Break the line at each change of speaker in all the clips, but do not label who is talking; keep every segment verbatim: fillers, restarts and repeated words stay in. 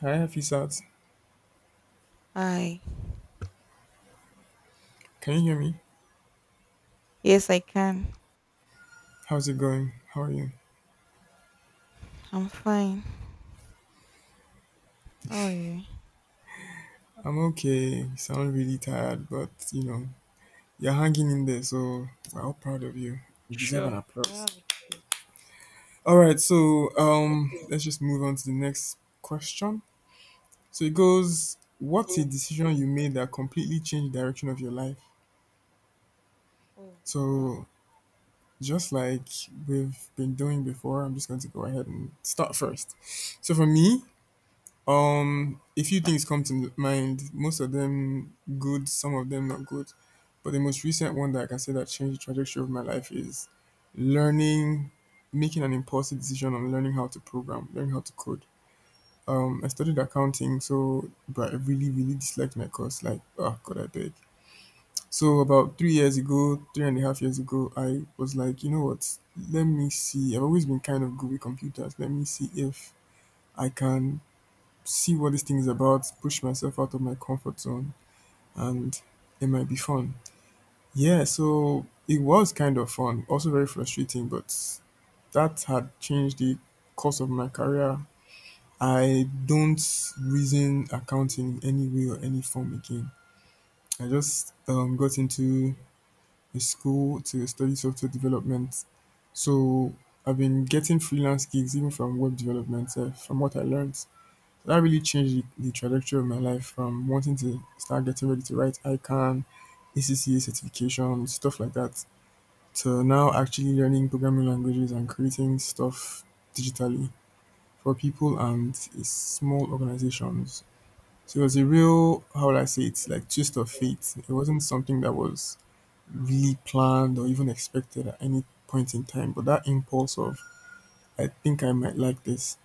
Hi Hafisat,
Hi.
can you hear me?
Yes, I can.
How's it going? How are you?
I'm fine. Oh yeah.
I'm okay. You sound really tired, but you know, you're hanging in there, so we're all proud of you. You deserve an
I don't
applause.
have a choice.
All right, so um, let's just move on to the next question. So it goes, what's a decision you made that completely changed the direction of your life?
Oh wow.
So just like we've been doing before, I'm just going to go ahead and start first. So for me, Um, a few things come to mind. Most of them good, some of them not good. But the most recent one that I can say that changed the trajectory of my life is learning, making an impulsive decision on learning how to program, learning how to code. Um, I studied accounting, so but I really, really disliked my course. Like, oh God, I beg. So about three years ago, three and a half years ago, I was like, you know what? Let me see. I've always been kind of good with computers. Let me see if I can see what this thing is about, push myself out of my comfort zone, and it might be fun. Yeah, so it was kind of fun, also very frustrating, but that had changed the course of my career. I don't reason accounting in any way or any form again. I just um, got into a school to study software development. So I've been getting freelance gigs even from web development, eh, from what I learned. That really changed the, the trajectory of my life from wanting to start getting ready to write I CANN, A C C A certification, stuff like that, to now actually learning programming languages and creating stuff digitally for people and uh, small organizations. So it was a real, how would I say it, like twist of fate. It wasn't something that was really planned or even expected at any point in time, but that impulse of, I think I might like this,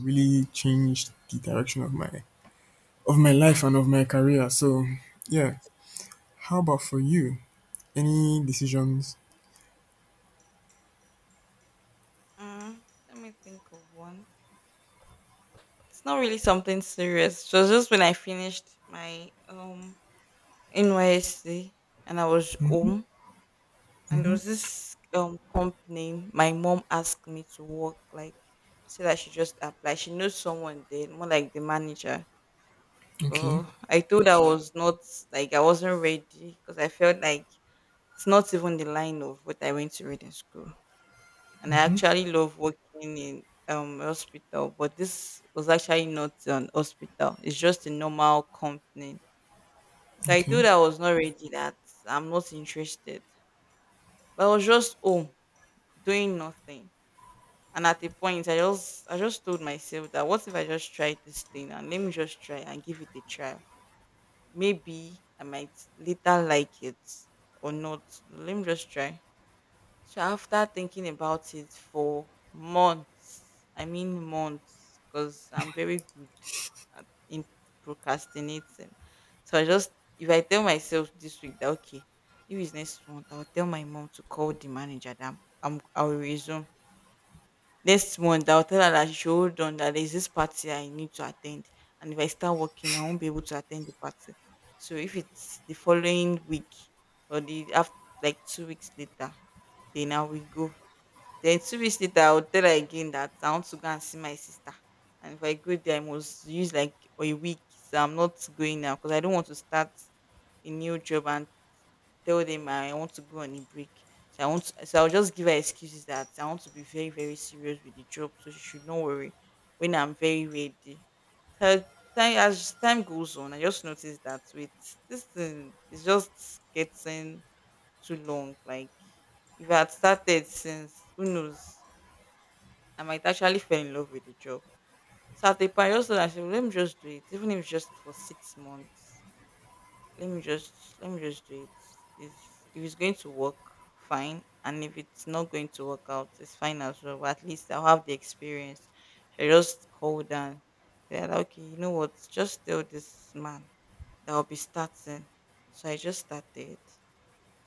really changed the direction of my of my life and of my career. So, yeah. How about for you? Any decisions?
Uh, Let me think of one. It's not really something serious. It was just when I finished my um N Y S C and I was
Mm-hmm.
home and there
Mm-hmm.
was this um company my mom asked me to work like so that she just apply. She knows someone there, more like the manager.
Okay.
But I told her I was not like I wasn't ready because I felt like it's not even the line of what I went to read in school. And I actually love working in um hospital, but this was actually not an hospital. It's just a normal company. So I
Okay.
told her I was not ready that I'm not interested. But I was just home doing nothing. And at a point I just I just told myself that what if I just try this thing and let me just try and give it a try. Maybe I might later like it or not. Let me just try. So after thinking about it for months, I mean months, because I'm very good at in procrastinating. So I just if I tell myself this week that okay, if it's next month, I'll tell my mom to call the manager that I'm, I'm I will resume. Next month, I'll tell her that she should hold on that there's this party I need to attend. And if I start working, I won't be able to attend the party. So if it's the following week or the after like two weeks later, then I will go then two weeks later, I would tell her again that I want to go and see my sister. And if I go there, I must use like a week. So I'm not going now because I don't want to start a new job and tell them I want to go on a break. So I want to, so I'll just give her excuses that I want to be very, very serious with the job. So she should not worry when I'm very ready. So time as time goes on, I just noticed that with this thing is just getting too long. Like if I had started since who knows I might actually fall in love with the job. So at a point, I just thought I let me just do it, even if it's just for six months. Let me just let me just do it. Is if it's going to work, fine, and if it's not going to work out, it's fine as well. But at least I'll have the experience. So I just called and they're like, okay, you know what? Just tell this man that I'll be starting. So I just started,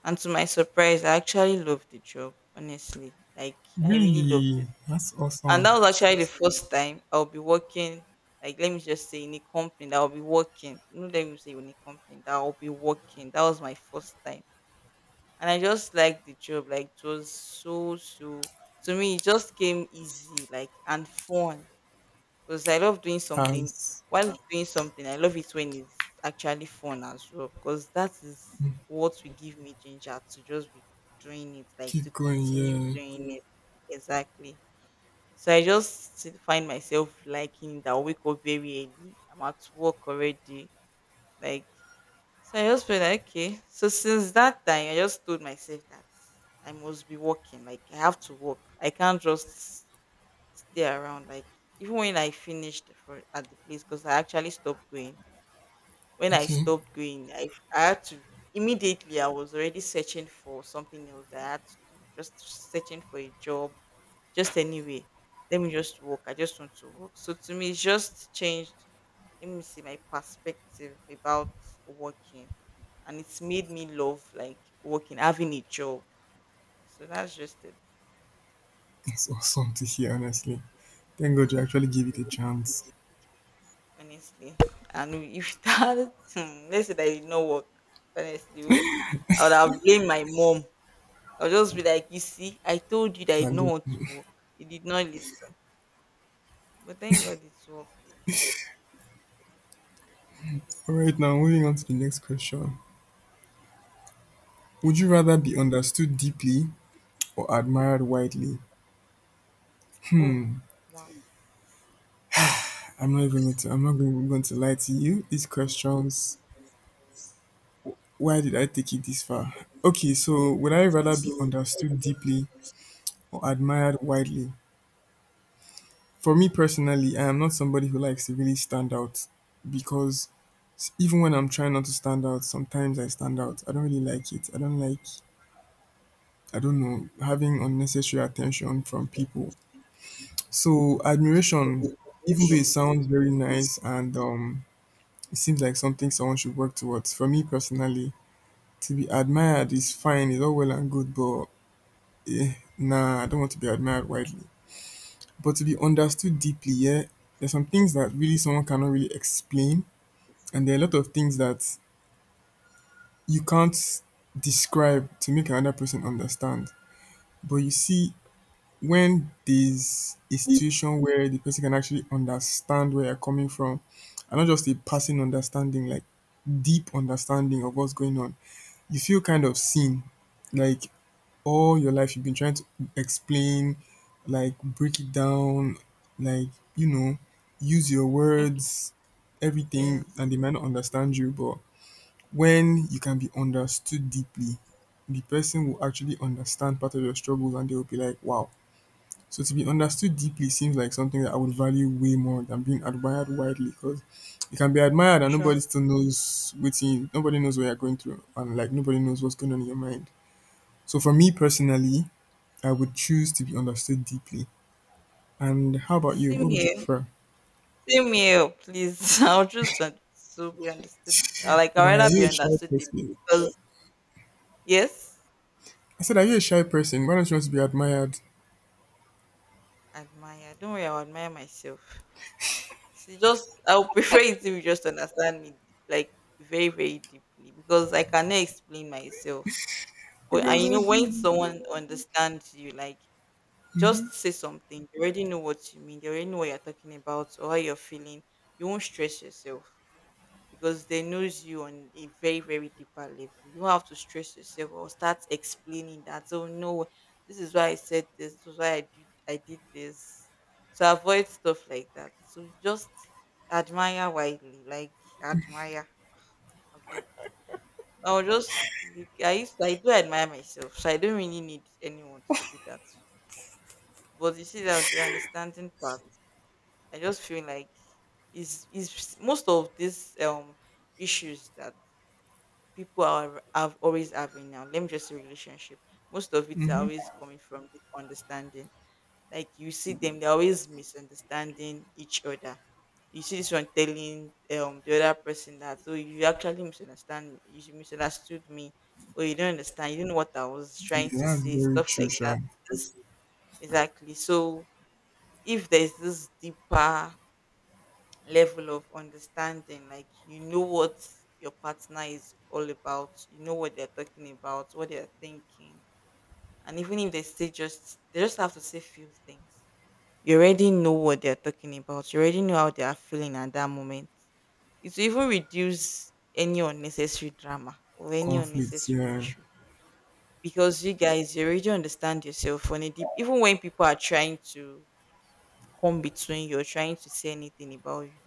and to my surprise, I actually loved the job. Honestly, like I really loved
Really?
it,
That's
and
awesome.
that was actually the first time I'll be working, like let me just say in a company that I'll be working. No, let me say in a company that I'll be working. That was my first time. And I just liked the job. Like it was so so to me it just came easy, like and fun. Because I love doing something
As
while doing something, I love it when it's actually fun as well. Because that is what will give me ginger to just be doing it, like to
Keep going.
continue
Yeah.
doing it. Exactly. So I just still find myself liking that I wake up very early. I'm at work already. Like so I just feel like okay. So since that time I just told myself that I must be working. Like I have to work. I can't just stay around. Like even when I finished for at the place because I actually stopped going. When I
Okay.
stopped going, I, I had to, immediately I was already searching for something else that I had to do, just searching for a job just anyway. Let me just walk. I just want to walk. So to me, it's just changed. Let me see my perspective about working, and it's made me love like working, having a job. So that's just it,
That's awesome to hear. Honestly, thank God you actually gave it a chance.
honestly. And if that, hmm, let's say that it did not work, honestly, oh, I would have blamed my mom. I'll just be like, you see, I told you that I did
That
not
good.
want to work. You did not listen. But thank God it's worked.
All right. Now moving on to the next question. Would you
Okay.
rather be understood deeply or admired widely?
Oh, wow.
I'm not even going to. I'm not going, going to lie to you. These questions, why did I take it this far? Okay, so would I rather be understood deeply or admired widely? For me personally, I am not somebody who likes to really stand out because s- even when I'm trying not to stand out, sometimes I stand out. I don't really like it. I don't like, I don't know, having unnecessary attention from people. So, admiration, even though it sounds very nice and um, it seems like something someone should work towards, for me personally, to be admired is fine, it's all well and good, but eh, nah, I don't want to be admired widely, but to be understood deeply, yeah, there's some things that really someone cannot really explain, and there are a lot of things that you can't describe to make another person understand. But you see, when there's a situation where the person can actually understand where you're coming from, and not just a passing understanding, like deep understanding of what's going on, you feel kind of seen. Like all your life you've been trying to explain, like break it down, like, you know, use your
Okay.
words, everything, and
Yes.
they might not understand you. But when you can be understood deeply, the person will actually understand part of your struggles and they will be like, wow. So to be understood deeply seems like something that I would value way more than being admired widely because you can be admired and
Sure.
nobody still knows what you, nobody knows what you're going through and like nobody knows what's going on in your mind. So for me personally, I would choose to be understood deeply. And how about you?
Same
What would you
here.
prefer?
Same here. Please, I'll just want to be understood. I Like I'd
Why are
rather
you
be
a shy
understood than-
person?
because yes,
I said, are you a shy person? Why don't you want to be admired?
admire. Don't worry, I'll admire myself. See, just I'll prefer it if you just understand me like very, very deeply because I cannot explain myself.
Oh
But and
God,
you
I
know when
do.
someone understands you, like just say something. They already know what you mean. They already know what you're talking about or how you're feeling. You won't stress yourself, because they knows you on a very very deeper level. You don't have to stress yourself or start explaining that oh no, this is why I said this. This is why i did i did this. So avoid stuff like that. So just admire widely, like admire a bit. I'll just look, I used, I do admire myself, so I don't really need anyone to do that. But you see that the understanding part, I just feel like is is most of these um issues that people are have always having now. Let me just say relationship. Most of it's
Hmm.
always coming from this understanding. Like you see them, they're always misunderstanding each other. You see this one telling um the other person that oh, you actually misunderstand me, you misunderstood me, or you don't understand, you don't know what I was trying to
Yeah, that's
say,
very
stuff
true,
like
Sha.
that. This, exactly. So if there's this deeper level of understanding. Like you know what your partner is all about, you know what they're talking about, what they're thinking. And even if they say just they just have to say few things. You already know what they're talking about. You already know how they are feeling at that moment. It will even reduce any unnecessary drama or any
Conflicts,
unnecessary
yeah.
issue. Because you guys, you already understand yourself on a deep, even when people are trying to come between you or trying to say anything about you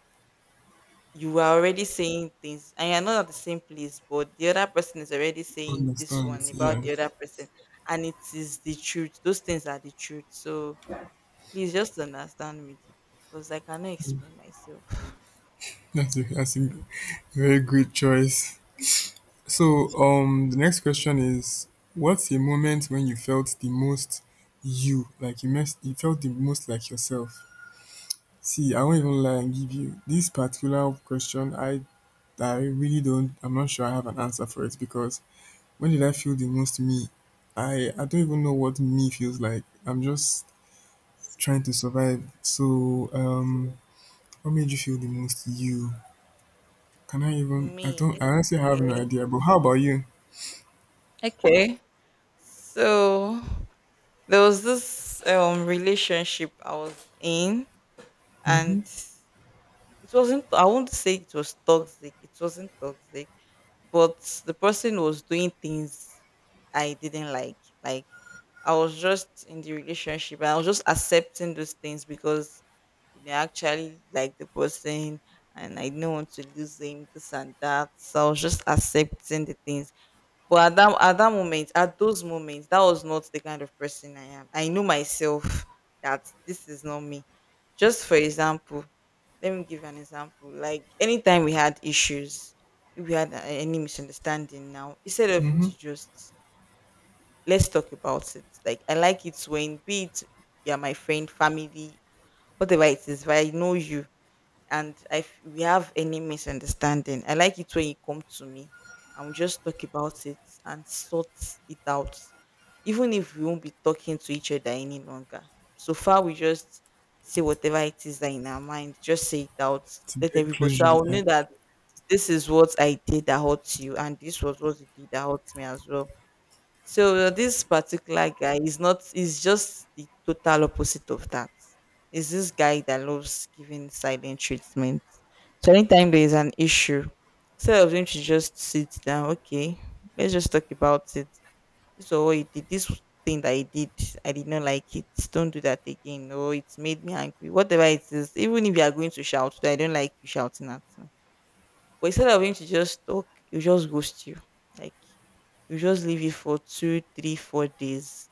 you are already saying things and you're not at the same place, but the other person is already saying this one
Understands, yeah.
about the other person, and it is the truth. Those things are the truth. So please just understand me deeply because I cannot explain myself.
That's a, that's a very great choice. So, um, the next question is, what's a moment
Okay.
when you felt the most you? Like you, mess, you felt the most like yourself? See, I won't even lie and give you this particular question. I I really don't. I'm not sure I have an answer for it because when did I feel the most me? I I don't even know what me feels like. I'm just trying to survive. So, um, what made you feel the most you? Can I even? I
Me.
don't. I honestly have no
Okay.
idea. But how about you?
Okay. So there was this um relationship I was in, and It wasn't I won't say it was toxic, it wasn't toxic, but the person was doing things I didn't like. Like I was just in the relationship and I was just accepting those things because you know I actually like the person and I didn't want to lose him, this and that. So I was just accepting the things, but at that at that moment, at those moments, that was not the kind of person I am. I knew myself that this is not me. Just for example, let me give an example. Like anytime we had issues, if we had a- any misunderstanding now, instead of you
Mm-hmm.
to just let's talk about it. Like I like it when be it you're my friend, family, whatever it is, but I know you, and if we have any misunderstanding, I like it when you come to me and we just talk about it and sort it out, even if we won't be talking to each other any longer. So far, we just say whatever it is that in our mind, just say it out,
To
let
get
everybody. So I
closure,
will
yeah.
know that this is what I did that hurts you, and this was what you did that hurts me as well. So uh, this particular guy is not is just the total opposite of that. Is this guy that loves giving silent treatment. So anytime there is an issue, instead of him to just sit down, okay, let's just talk about it. This was what he did. This thing that he did, I did not like it. Don't do that again. Or it made me angry. Whatever it is, even if you are going to shout, I don't like you shouting at me. But instead of him to just talk, he'll just ghost you. Like you just leave it for two, three, four days.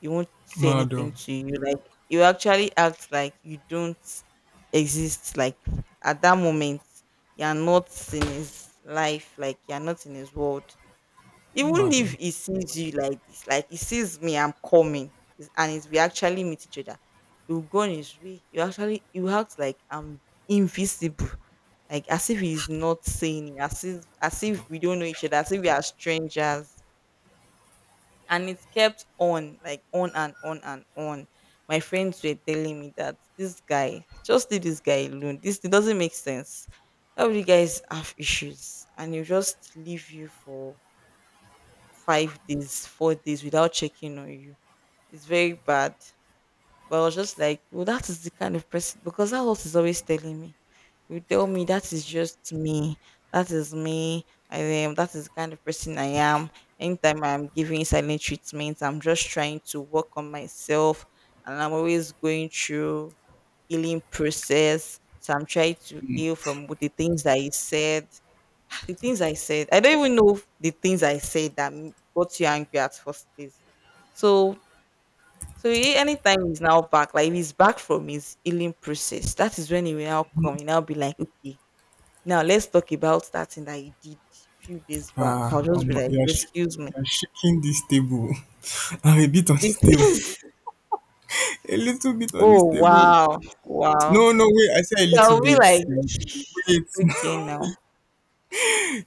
You won't say anything
Madam,
to you. Like you actually act like you don't exist. Like at that moment, you're not in his life. Like you're not in his world. Even if
madam.
he sees you like this, like he sees me, I'm coming, it's- and it's, we actually meet each other. You go on his way. You actually you act like I'm invisible, like as if he's not seeing it, as if as if we don't know each other, as if we are strangers. And it kept on, like, on and on and on. My friends were telling me that, "This guy, just leave this guy alone. This, it doesn't make sense. Why would you guys have issues and he'll just leave you for five days, four days without checking on you? It's very bad." But I was just like, well, that is the kind of person, because that's what he's always telling me. You tell me that is just me. That is me. I am. That is the kind of person I am. Anytime I'm giving silent treatments, I'm just trying to work on myself, and I'm always going through healing process. So I'm trying to heal from what the things that I said. The things I said. I don't even know the things I said that m- got you angry at first place. So so he- anytime he's now back, like if he's back from his healing process, that is when he will now come. He now be like, okay, now let's talk about that thing that you did a few days back.
Ah,
I'll just
um,
be like,
you're shak-
excuse me.
you're shaking this table. I'm a bit on this table.
This
A little bit on this
oh
table.
wow. Wow.
No, no, wait. I say a
So
little
I'll be
bit.
like,
Like, wait.
okay now.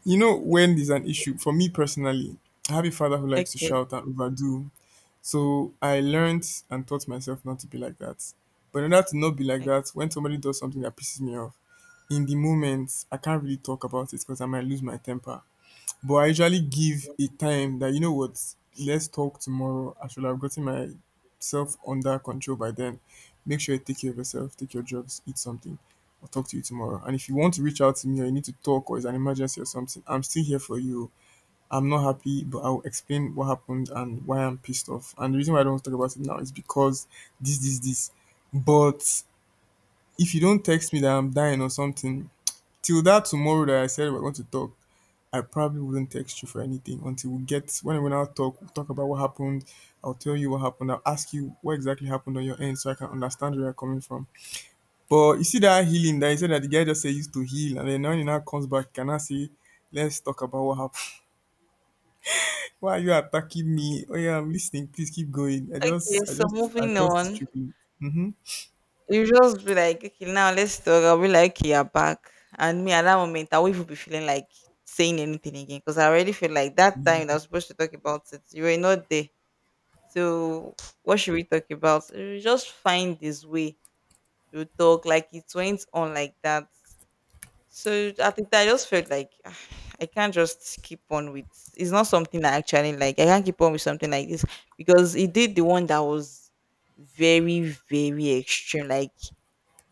You know, when there's an issue, for me personally, I have a father who likes to
Okay,
shout and overdo. So I learned and taught myself not to be like that. But in order to not be like
like,
that, when somebody does something that pisses me off, in the moment, I can't really talk about it because I might lose my temper. But I usually give a time that, you know what, let's talk tomorrow. I should have gotten myself under control by then. Make sure you take care of yourself, take your drugs, eat something. I'll talk to you tomorrow. And if you want to reach out to me or you need to talk or it's an emergency or something, I'm still here for you. I'm not happy, but I'll explain what happened and why I'm pissed off. And the reason why I don't want to talk about it now is because this, this, this. But if you don't text me that I'm dying or something, till that tomorrow that I said we're going to talk, I probably wouldn't text you for anything until we get when we now talk. We'll talk about what happened. I'll tell you what happened. I'll ask you what exactly happened on your end so I can understand where you're coming from. But you see that healing that you said that the guy just said he used to heal, and then now he now comes back. Can I say, let's talk about what happened? Why are you attacking me? Oh yeah, I'm listening. Please keep going. I just,
okay,
I
so
just, I
moving
felt this
on.
trickling. Mm-hmm.
You just be like, okay, now let's talk. I'll be like, okay, you're back. And me at that moment, I won't even be feeling like saying anything again, because I already feel like that time that I was supposed to talk about it, you were not there. So what should we talk about? You just find this way. You talk like it went on like that. So at the time, I just felt like, "Ah, I can't just keep on with. It's not something I actually like. I can't keep on with something like this, because it did the one that was very, very extreme. Like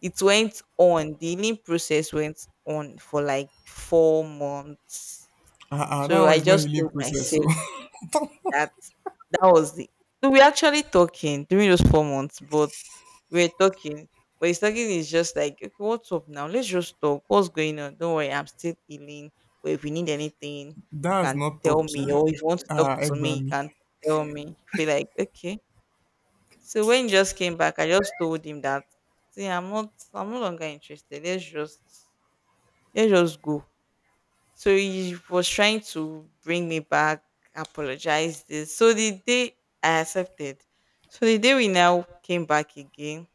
it went on. The healing process went on for like four months.
Ah, ah, that
So
one
I
is not
just
healing
told
process.
myself
So
that that was the, so we actually talking during those four months, but we were talking. But his talking is just like, okay, what's up now? Let's just talk. What's going on? Don't worry, I'm still healing. But if you need anything, you
that's
can
not
tell me.
talking.
Or if you want to
Ah,
talk to me, you
Egbami,
can tell me. Feel like okay. So when he just came back, I just told him that, see, I'm not I'm no longer interested. Let's just, let's just go. So he was trying to bring me back, apologize this. So the day I accepted. So the day we now came back again,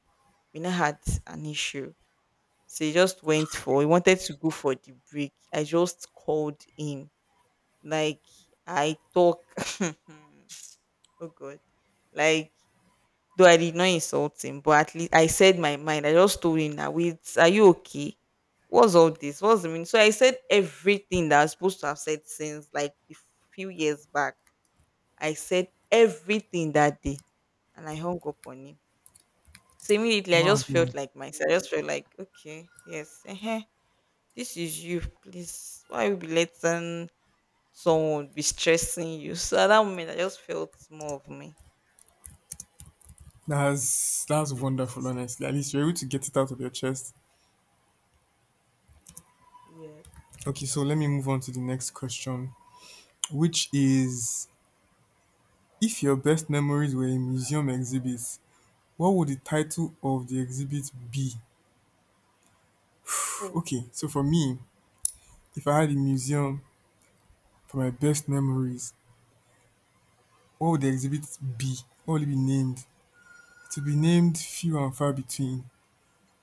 we now had an issue. So he just went for, he wanted to go for the break. I just called him. Like I talk oh god. Like, though I did not insult him, but at least I said my mind. I just told him that, wait, are you okay? What's all this? What's the meaning? So I said everything that I was supposed to have said since like a few years back. I said everything that day and I hung up on him. So immediately I
mad.
just felt like myself. I just felt like, okay, yes, uh this is you. Please, why you be letting someone be stressing you? So at that moment I just felt more of me.
That's that's wonderful, honestly. At least you're able to get it out of your chest.
Yes.
Okay, so let me move on to the next question, which is if your best memories were a museum exhibit, what would the title of the exhibit be?
Oh,
Okay, so for me, if I had a museum for my best memories, what would the exhibit be? What would it be named? It would be named Few and Far Between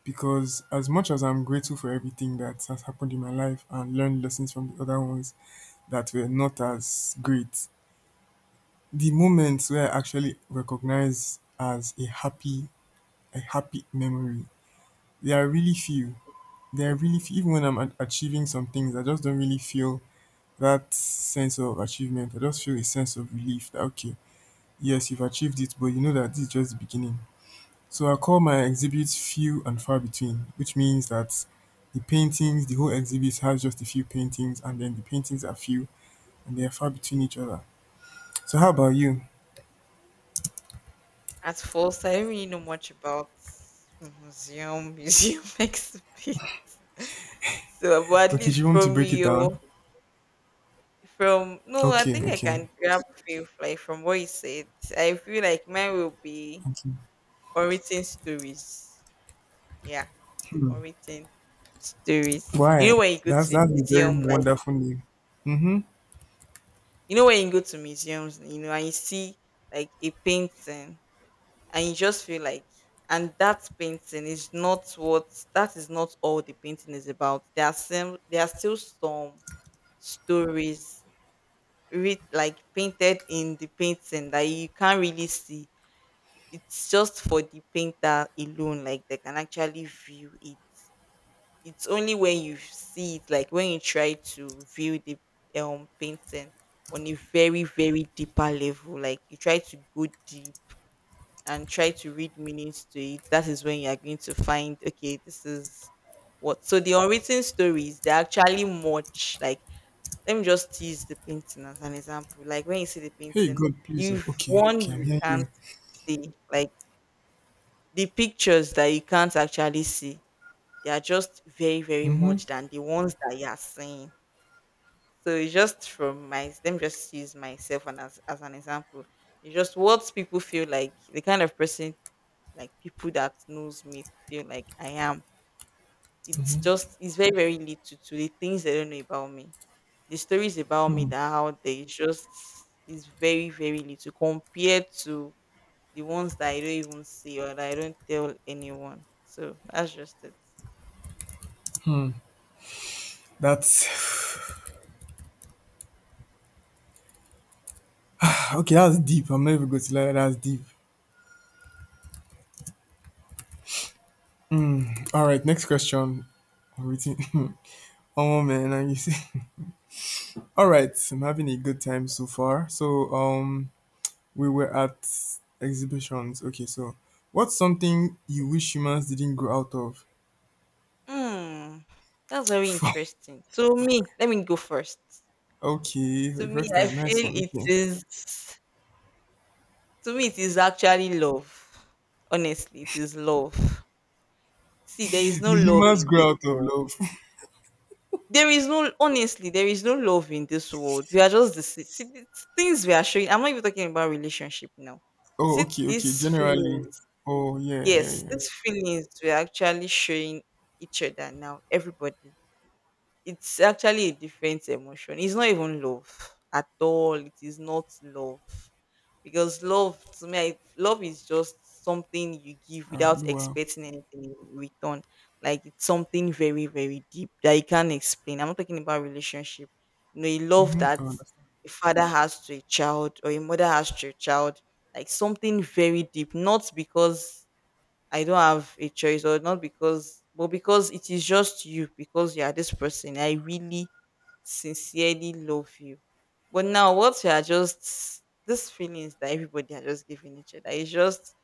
because as much as I'm grateful for everything that has happened in my life and learned lessons from the other ones that were not as great, the moments where I actually recognize as a happy a happy memory, there are really few. There are really few. Even when I'm a- achieving some things, I just don't really feel that sense of achievement. I just feel a sense of relief that okay, yes, you've achieved it, but you know that this is just the beginning. So I call my exhibits few and far between, which means that the paintings, the whole exhibit has just a few paintings, and then the paintings are few and they are far between each other. So how about you?
at first, I didn't really know much about museum. Museum makes a bit. So, but at
Okay,
least
do you want to
from
break it
you,
down?
from no, I
Okay,
think I
okay,
can grab feel like from what you said. I feel like mine will be
okay.
unwritten stories. Yeah, unwritten stories. You
Why?
know when you go
That's
to
that's a very
museum, like,
wonderful name. Mm-hmm.
you know when you go to museums, you know, and you see like a painting, and you just feel like, and that painting is not what, that is not all the painting is about. There are some, there are still some stories read like painted in the painting that you can't really see. It's just for the painter alone, like they can actually view it. It's only when you see it, like when you try to view the um painting on a very, very deeper level, like you try to go deep and try to read meanings to it, that is when you are going to find, okay, this is what. So the unwritten stories, they're actually much like, let me just use the painting as an example. Like when you see the
Hey,
painting,
God, please. Oh,
the
okay,
one
okay, I'm
you
hearing
can't
you.
see, like the pictures that you can't actually see, they are just very, very
Mm-hmm.
much than the ones that you are seeing. So it's just from my, let me just use myself and as, as an example. It's just what people feel like, the kind of person, like people that knows me feel like I am. It's just it's very very little to the things they don't know about me. The stories about me that are out there is just, is very very little compared to the ones that I don't even see or that I don't tell anyone. So that's just it.
That's okay. That's deep. I'm not even going to lie. That's deep. Mm. All right. Next question. I'm waiting. Oh man, and you see. All right. I'm having a good time so far. So um, we were at exhibitions. Okay, so what's something you wish humans didn't grow out of?
Hmm, that's very interesting. To me, let me go first.
Okay, for
To
the
me,
first
I
time.
feel
Nice one.
it
Okay.
is. To me, it is actually love. Honestly, it is love. See, there is no
The
love
humans
in
grow
this
out of
world.
love.
There is no, honestly, there is no love in this world. We are just the see, see, the things we are showing. I'm not even talking about relationship now. Is
Oh,
it
okay, okay.
these
Generally.
feelings?
Oh, yeah, yeah,
Yes,
yeah.
these feelings we are actually showing each other now. Everybody. It's actually a different emotion. It's not even love at all. It is not love. Because love to me, I, love is just something you give
Ah,
without
wow.
expecting anything in return. Like it's something very, very deep that you can't explain. I'm not talking about relationship. You know, a love
Mm-hmm.
that
I understand.
a father has to a child or a mother has to a child. Like something very deep, not because I don't have a choice, or not because, but because it is just you, because you are this person. I really sincerely love you. But now, what you are just, these feelings that everybody are just giving each other, it's just,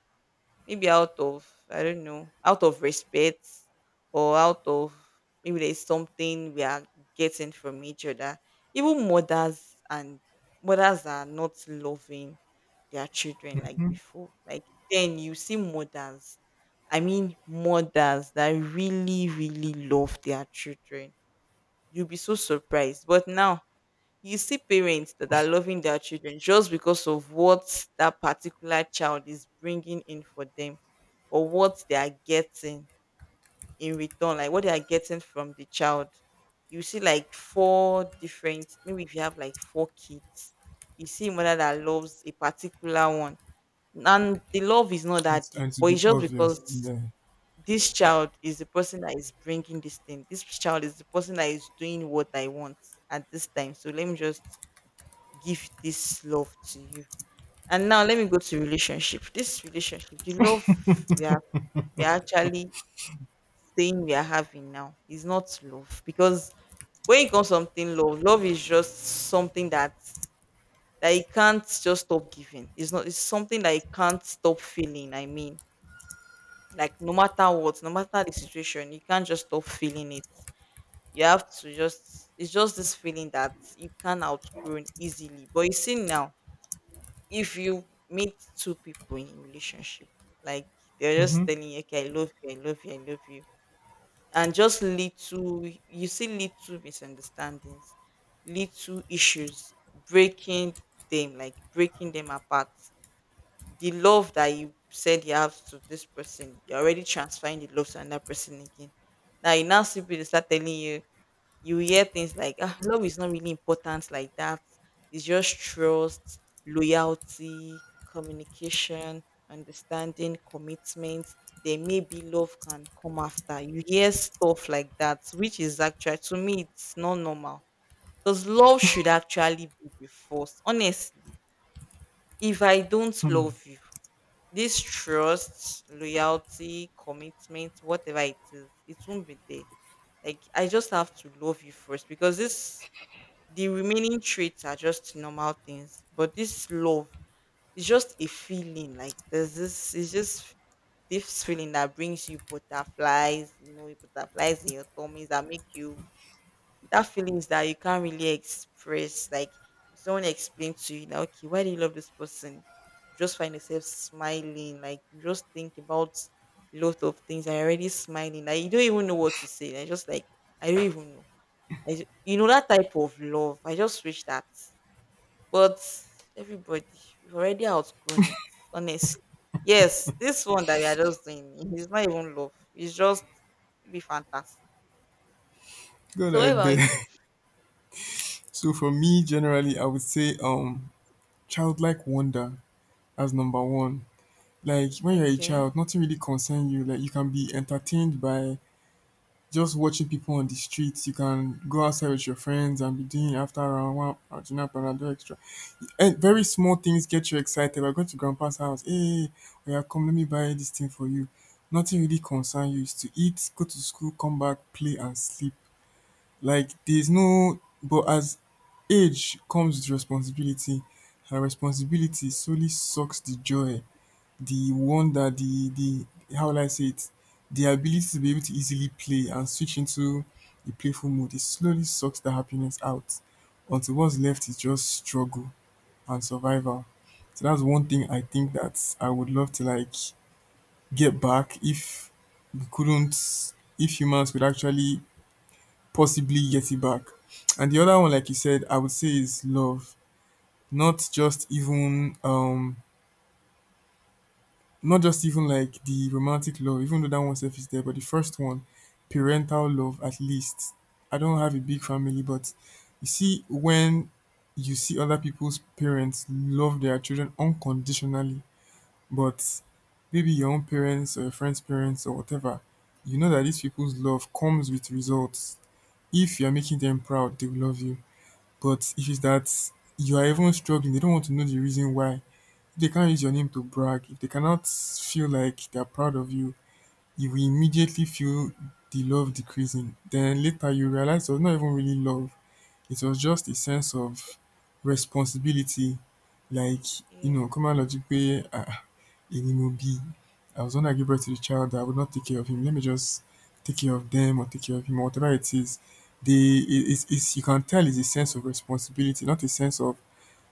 maybe out of, I don't know, out of respect, or out of, maybe there's something we are getting from each other. Even mothers and mothers are not loving their children like before. Like then you see mothers, I mean mothers that really, really love their children. You'll be so surprised. But now you see parents that are loving their children just because of what that particular child is bringing in for them, or what they are getting in return, like what they are getting from the child. You see like four different, maybe if you have like four kids, you see a mother that loves a particular one. And the love is not
It's,
that deep,
and to
but
be
it's just
obvious.
because
Yeah.
this child is the person that is bringing this thing. This child is the person that is doing what I want at this time. So let me just give this love to you. And now let me go to relationship. This relationship, the love we are, we are actually saying we are having now is not love, because when it comes to something love, love is just something that, that you can't just stop giving. It's not. It's something that you can't stop feeling. I mean, like no matter what, no matter the situation, you can't just stop feeling it. You have to just. It's just this feeling that you can outgrow easily. But you see now, if you meet two people in relationship, like they're
Mm-hmm.
just telling you, okay, I love you, I love you, I love you. And just little you see little misunderstandings, little issues, breaking them, like breaking them apart. The love that you said you have to this person, you're already transferring the love to another person again. Now you now see people they start telling you, you hear things like, ah, love is not really important like that. It's just trust, loyalty, communication, understanding, commitment. Then maybe love can come after. You hear stuff like that, which is actually, to me it's not normal. Because love should actually be the first. Honestly, if I don't love you, this trust, loyalty, commitment, whatever it is, it won't be there. Like I just have to love you first, because this, the remaining traits are just normal things, but this love is just a feeling. Like there's this, it's just this feeling that brings you butterflies, you know, butterflies in your tummies that make you, that feelings that you can't really express. Like if someone explains to you, now, okay, why do you love this person? You just find yourself smiling. Like you just think about a lot of things. I already smiling. Like you don't even know what to say. I just like I don't even know. I, ju- you know that type of love. I just wish that. But everybody, we've already outgrown it, honestly. Yes, this one that we are just doing is not even love. It's just be fantastic.
Good
So what about you?
idea. So for me, generally, I would say um childlike wonder as number one. Like when you're a
Okay.
child, nothing really concern you. Like you can be entertained by just watching people on the streets. You can go outside with your friends and be doing after hour one, Arjuna Panado extra. And very small things get you excited. We're going to grandpa's house. Hey, oh yeah, come, let me buy this thing for you. Nothing really concern you. It's to eat, go to school, come back, play and sleep. Like there's no but as age comes with responsibility, and responsibility solely sucks the joy, the wonder, the the how will I say it? The ability to be able to easily play and switch into a playful mood. It slowly sucks the happiness out. Until what's left is just struggle and survival. So that's one thing I think that I would love to like get back if we couldn't if humans could actually possibly get it back. And the other one, like you said, I would say is love. Not just even um not just even like the romantic love, even though that one self is there, but the first one, parental love at least. I don't have a big family, but you see when you see other people's parents love their children unconditionally. But maybe your own parents or your friend's parents or whatever, you know that these people's love comes with results. If you're making them proud, they will love you. But if it's that you are even struggling, they don't want to know the reason why. If they can't use your name to brag, if they cannot feel like they're proud of you, you will immediately feel the love decreasing. Then later you realize it was not even really love, it was just a sense of responsibility. Like, you know, come
Yes.
common logic way. Igbenegbu B. I was the one give birth to the child, that I would not take care of him. Let me just take care of them or take care of him or whatever it is. They, it, it's, it's, you can tell it's a sense of responsibility, not a sense of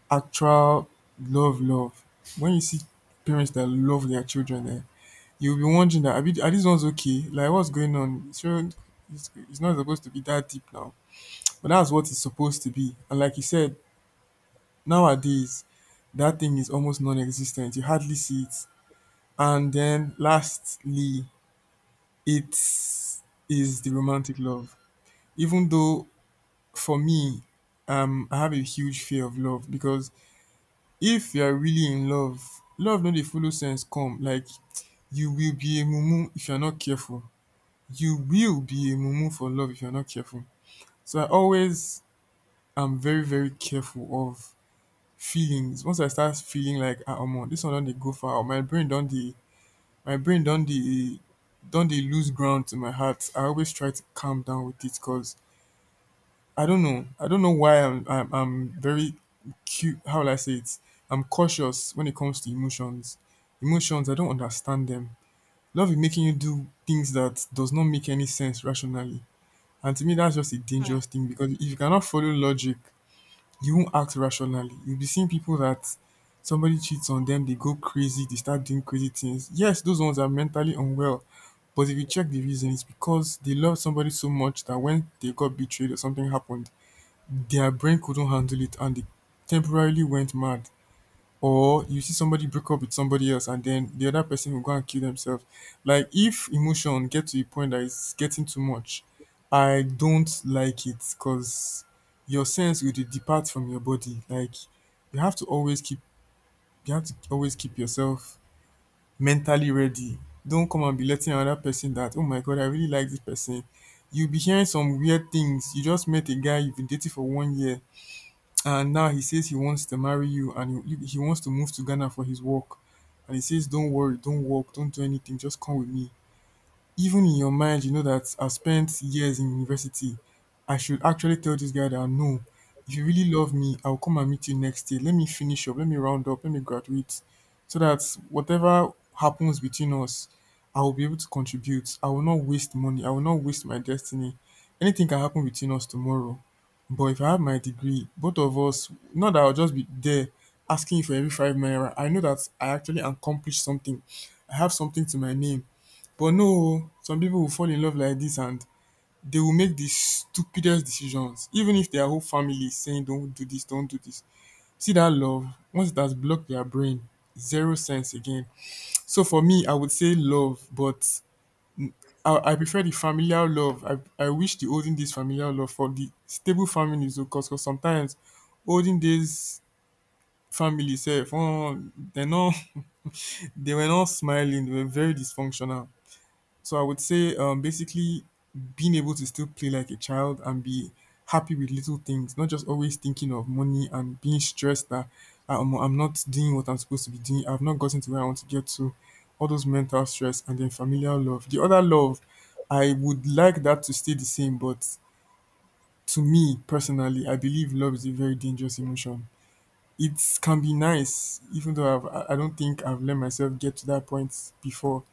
actual love, love. When you see parents that love their children, eh, you'll be wondering that, are, we- are these ones okay? Like, what's going on? So, it's, it's not supposed to be that deep now. But that's what it's supposed to be. And like you said, nowadays, that thing is almost non-existent. You hardly see it. And then lastly, it is the romantic love. Even though for me, um, I have a huge fear of love because if you are really in love, love no dey follow sense come. Like you will be a mumu if you are not careful. You will be a mumu for love if you are not careful. So I always am very very careful of feelings. Once I start feeling like ah omo, this one don dey go far, or my brain don dey my brain don dey don dey lose ground to my heart, I always try to calm down with it cause i don't know I don't know why i'm i'm, I'm very cute. How will I say it? I'm cautious when it comes to emotions emotions. I don't understand them. Love is making you do things that does not make any sense rationally, and to me that's just a dangerous thing because if you cannot follow logic you won't act rationally. You'll be seeing people that somebody cheats on them, they go crazy, they start doing crazy things. Yes, those ones are mentally unwell. But if you check the reason, it's because they love somebody so much that when they got betrayed or something happened, their brain couldn't handle it and they temporarily went mad, or you see somebody break up with somebody else and then the other person will go and kill themselves. Like if emotion get to a point that it's getting too much, I don't like it because your sense will dey depart from your body. Like you have to always keep you have to always keep yourself mentally ready. Don't come and be letting another person that, oh my god, I really like this person. You'll be hearing some weird things. You just met a guy, you've been dating for one year and now he says he wants to marry you and he, he wants to move to Ghana for his work and he says don't worry, don't work, don't do anything, just come with me. Even in your mind you know that I spent years in university. I should actually tell this guy that no, if you really love me, I'll come and meet you next year. Let me finish up, let me round up, let me graduate. So that whatever happens between us, I will be able to contribute. I will not waste money. I will not waste my destiny. Anything can happen between us tomorrow. But if I have my degree, both of us, not that I'll just be there asking you for every five naira. I know that I actually accomplished something. I have something to my name, but no o, some people will fall in love like this, and they will make the stupidest decisions even if their whole family is saying don't do this, don't do this. See that love, once it has blocked their brain, zero sense again. So for me I would say love, but I I prefer the familial love. I I wish dey olden days familial love for the stable families cos sometimes olden days family sef um dey no they were not smiling, they were very dysfunctional. So I would say um, basically being able to still play like a child and be happy with little things, not just always thinking of money and being stressed that I'm, I'm not doing what I'm supposed to be doing. I've not gotten to where I want to get to. All those mental stress, and then familial love. The other love, I would like that to stay the same, but to me personally, I believe love is a very dangerous emotion. It can be nice, even though I've, I I don't think I've let myself get to that point before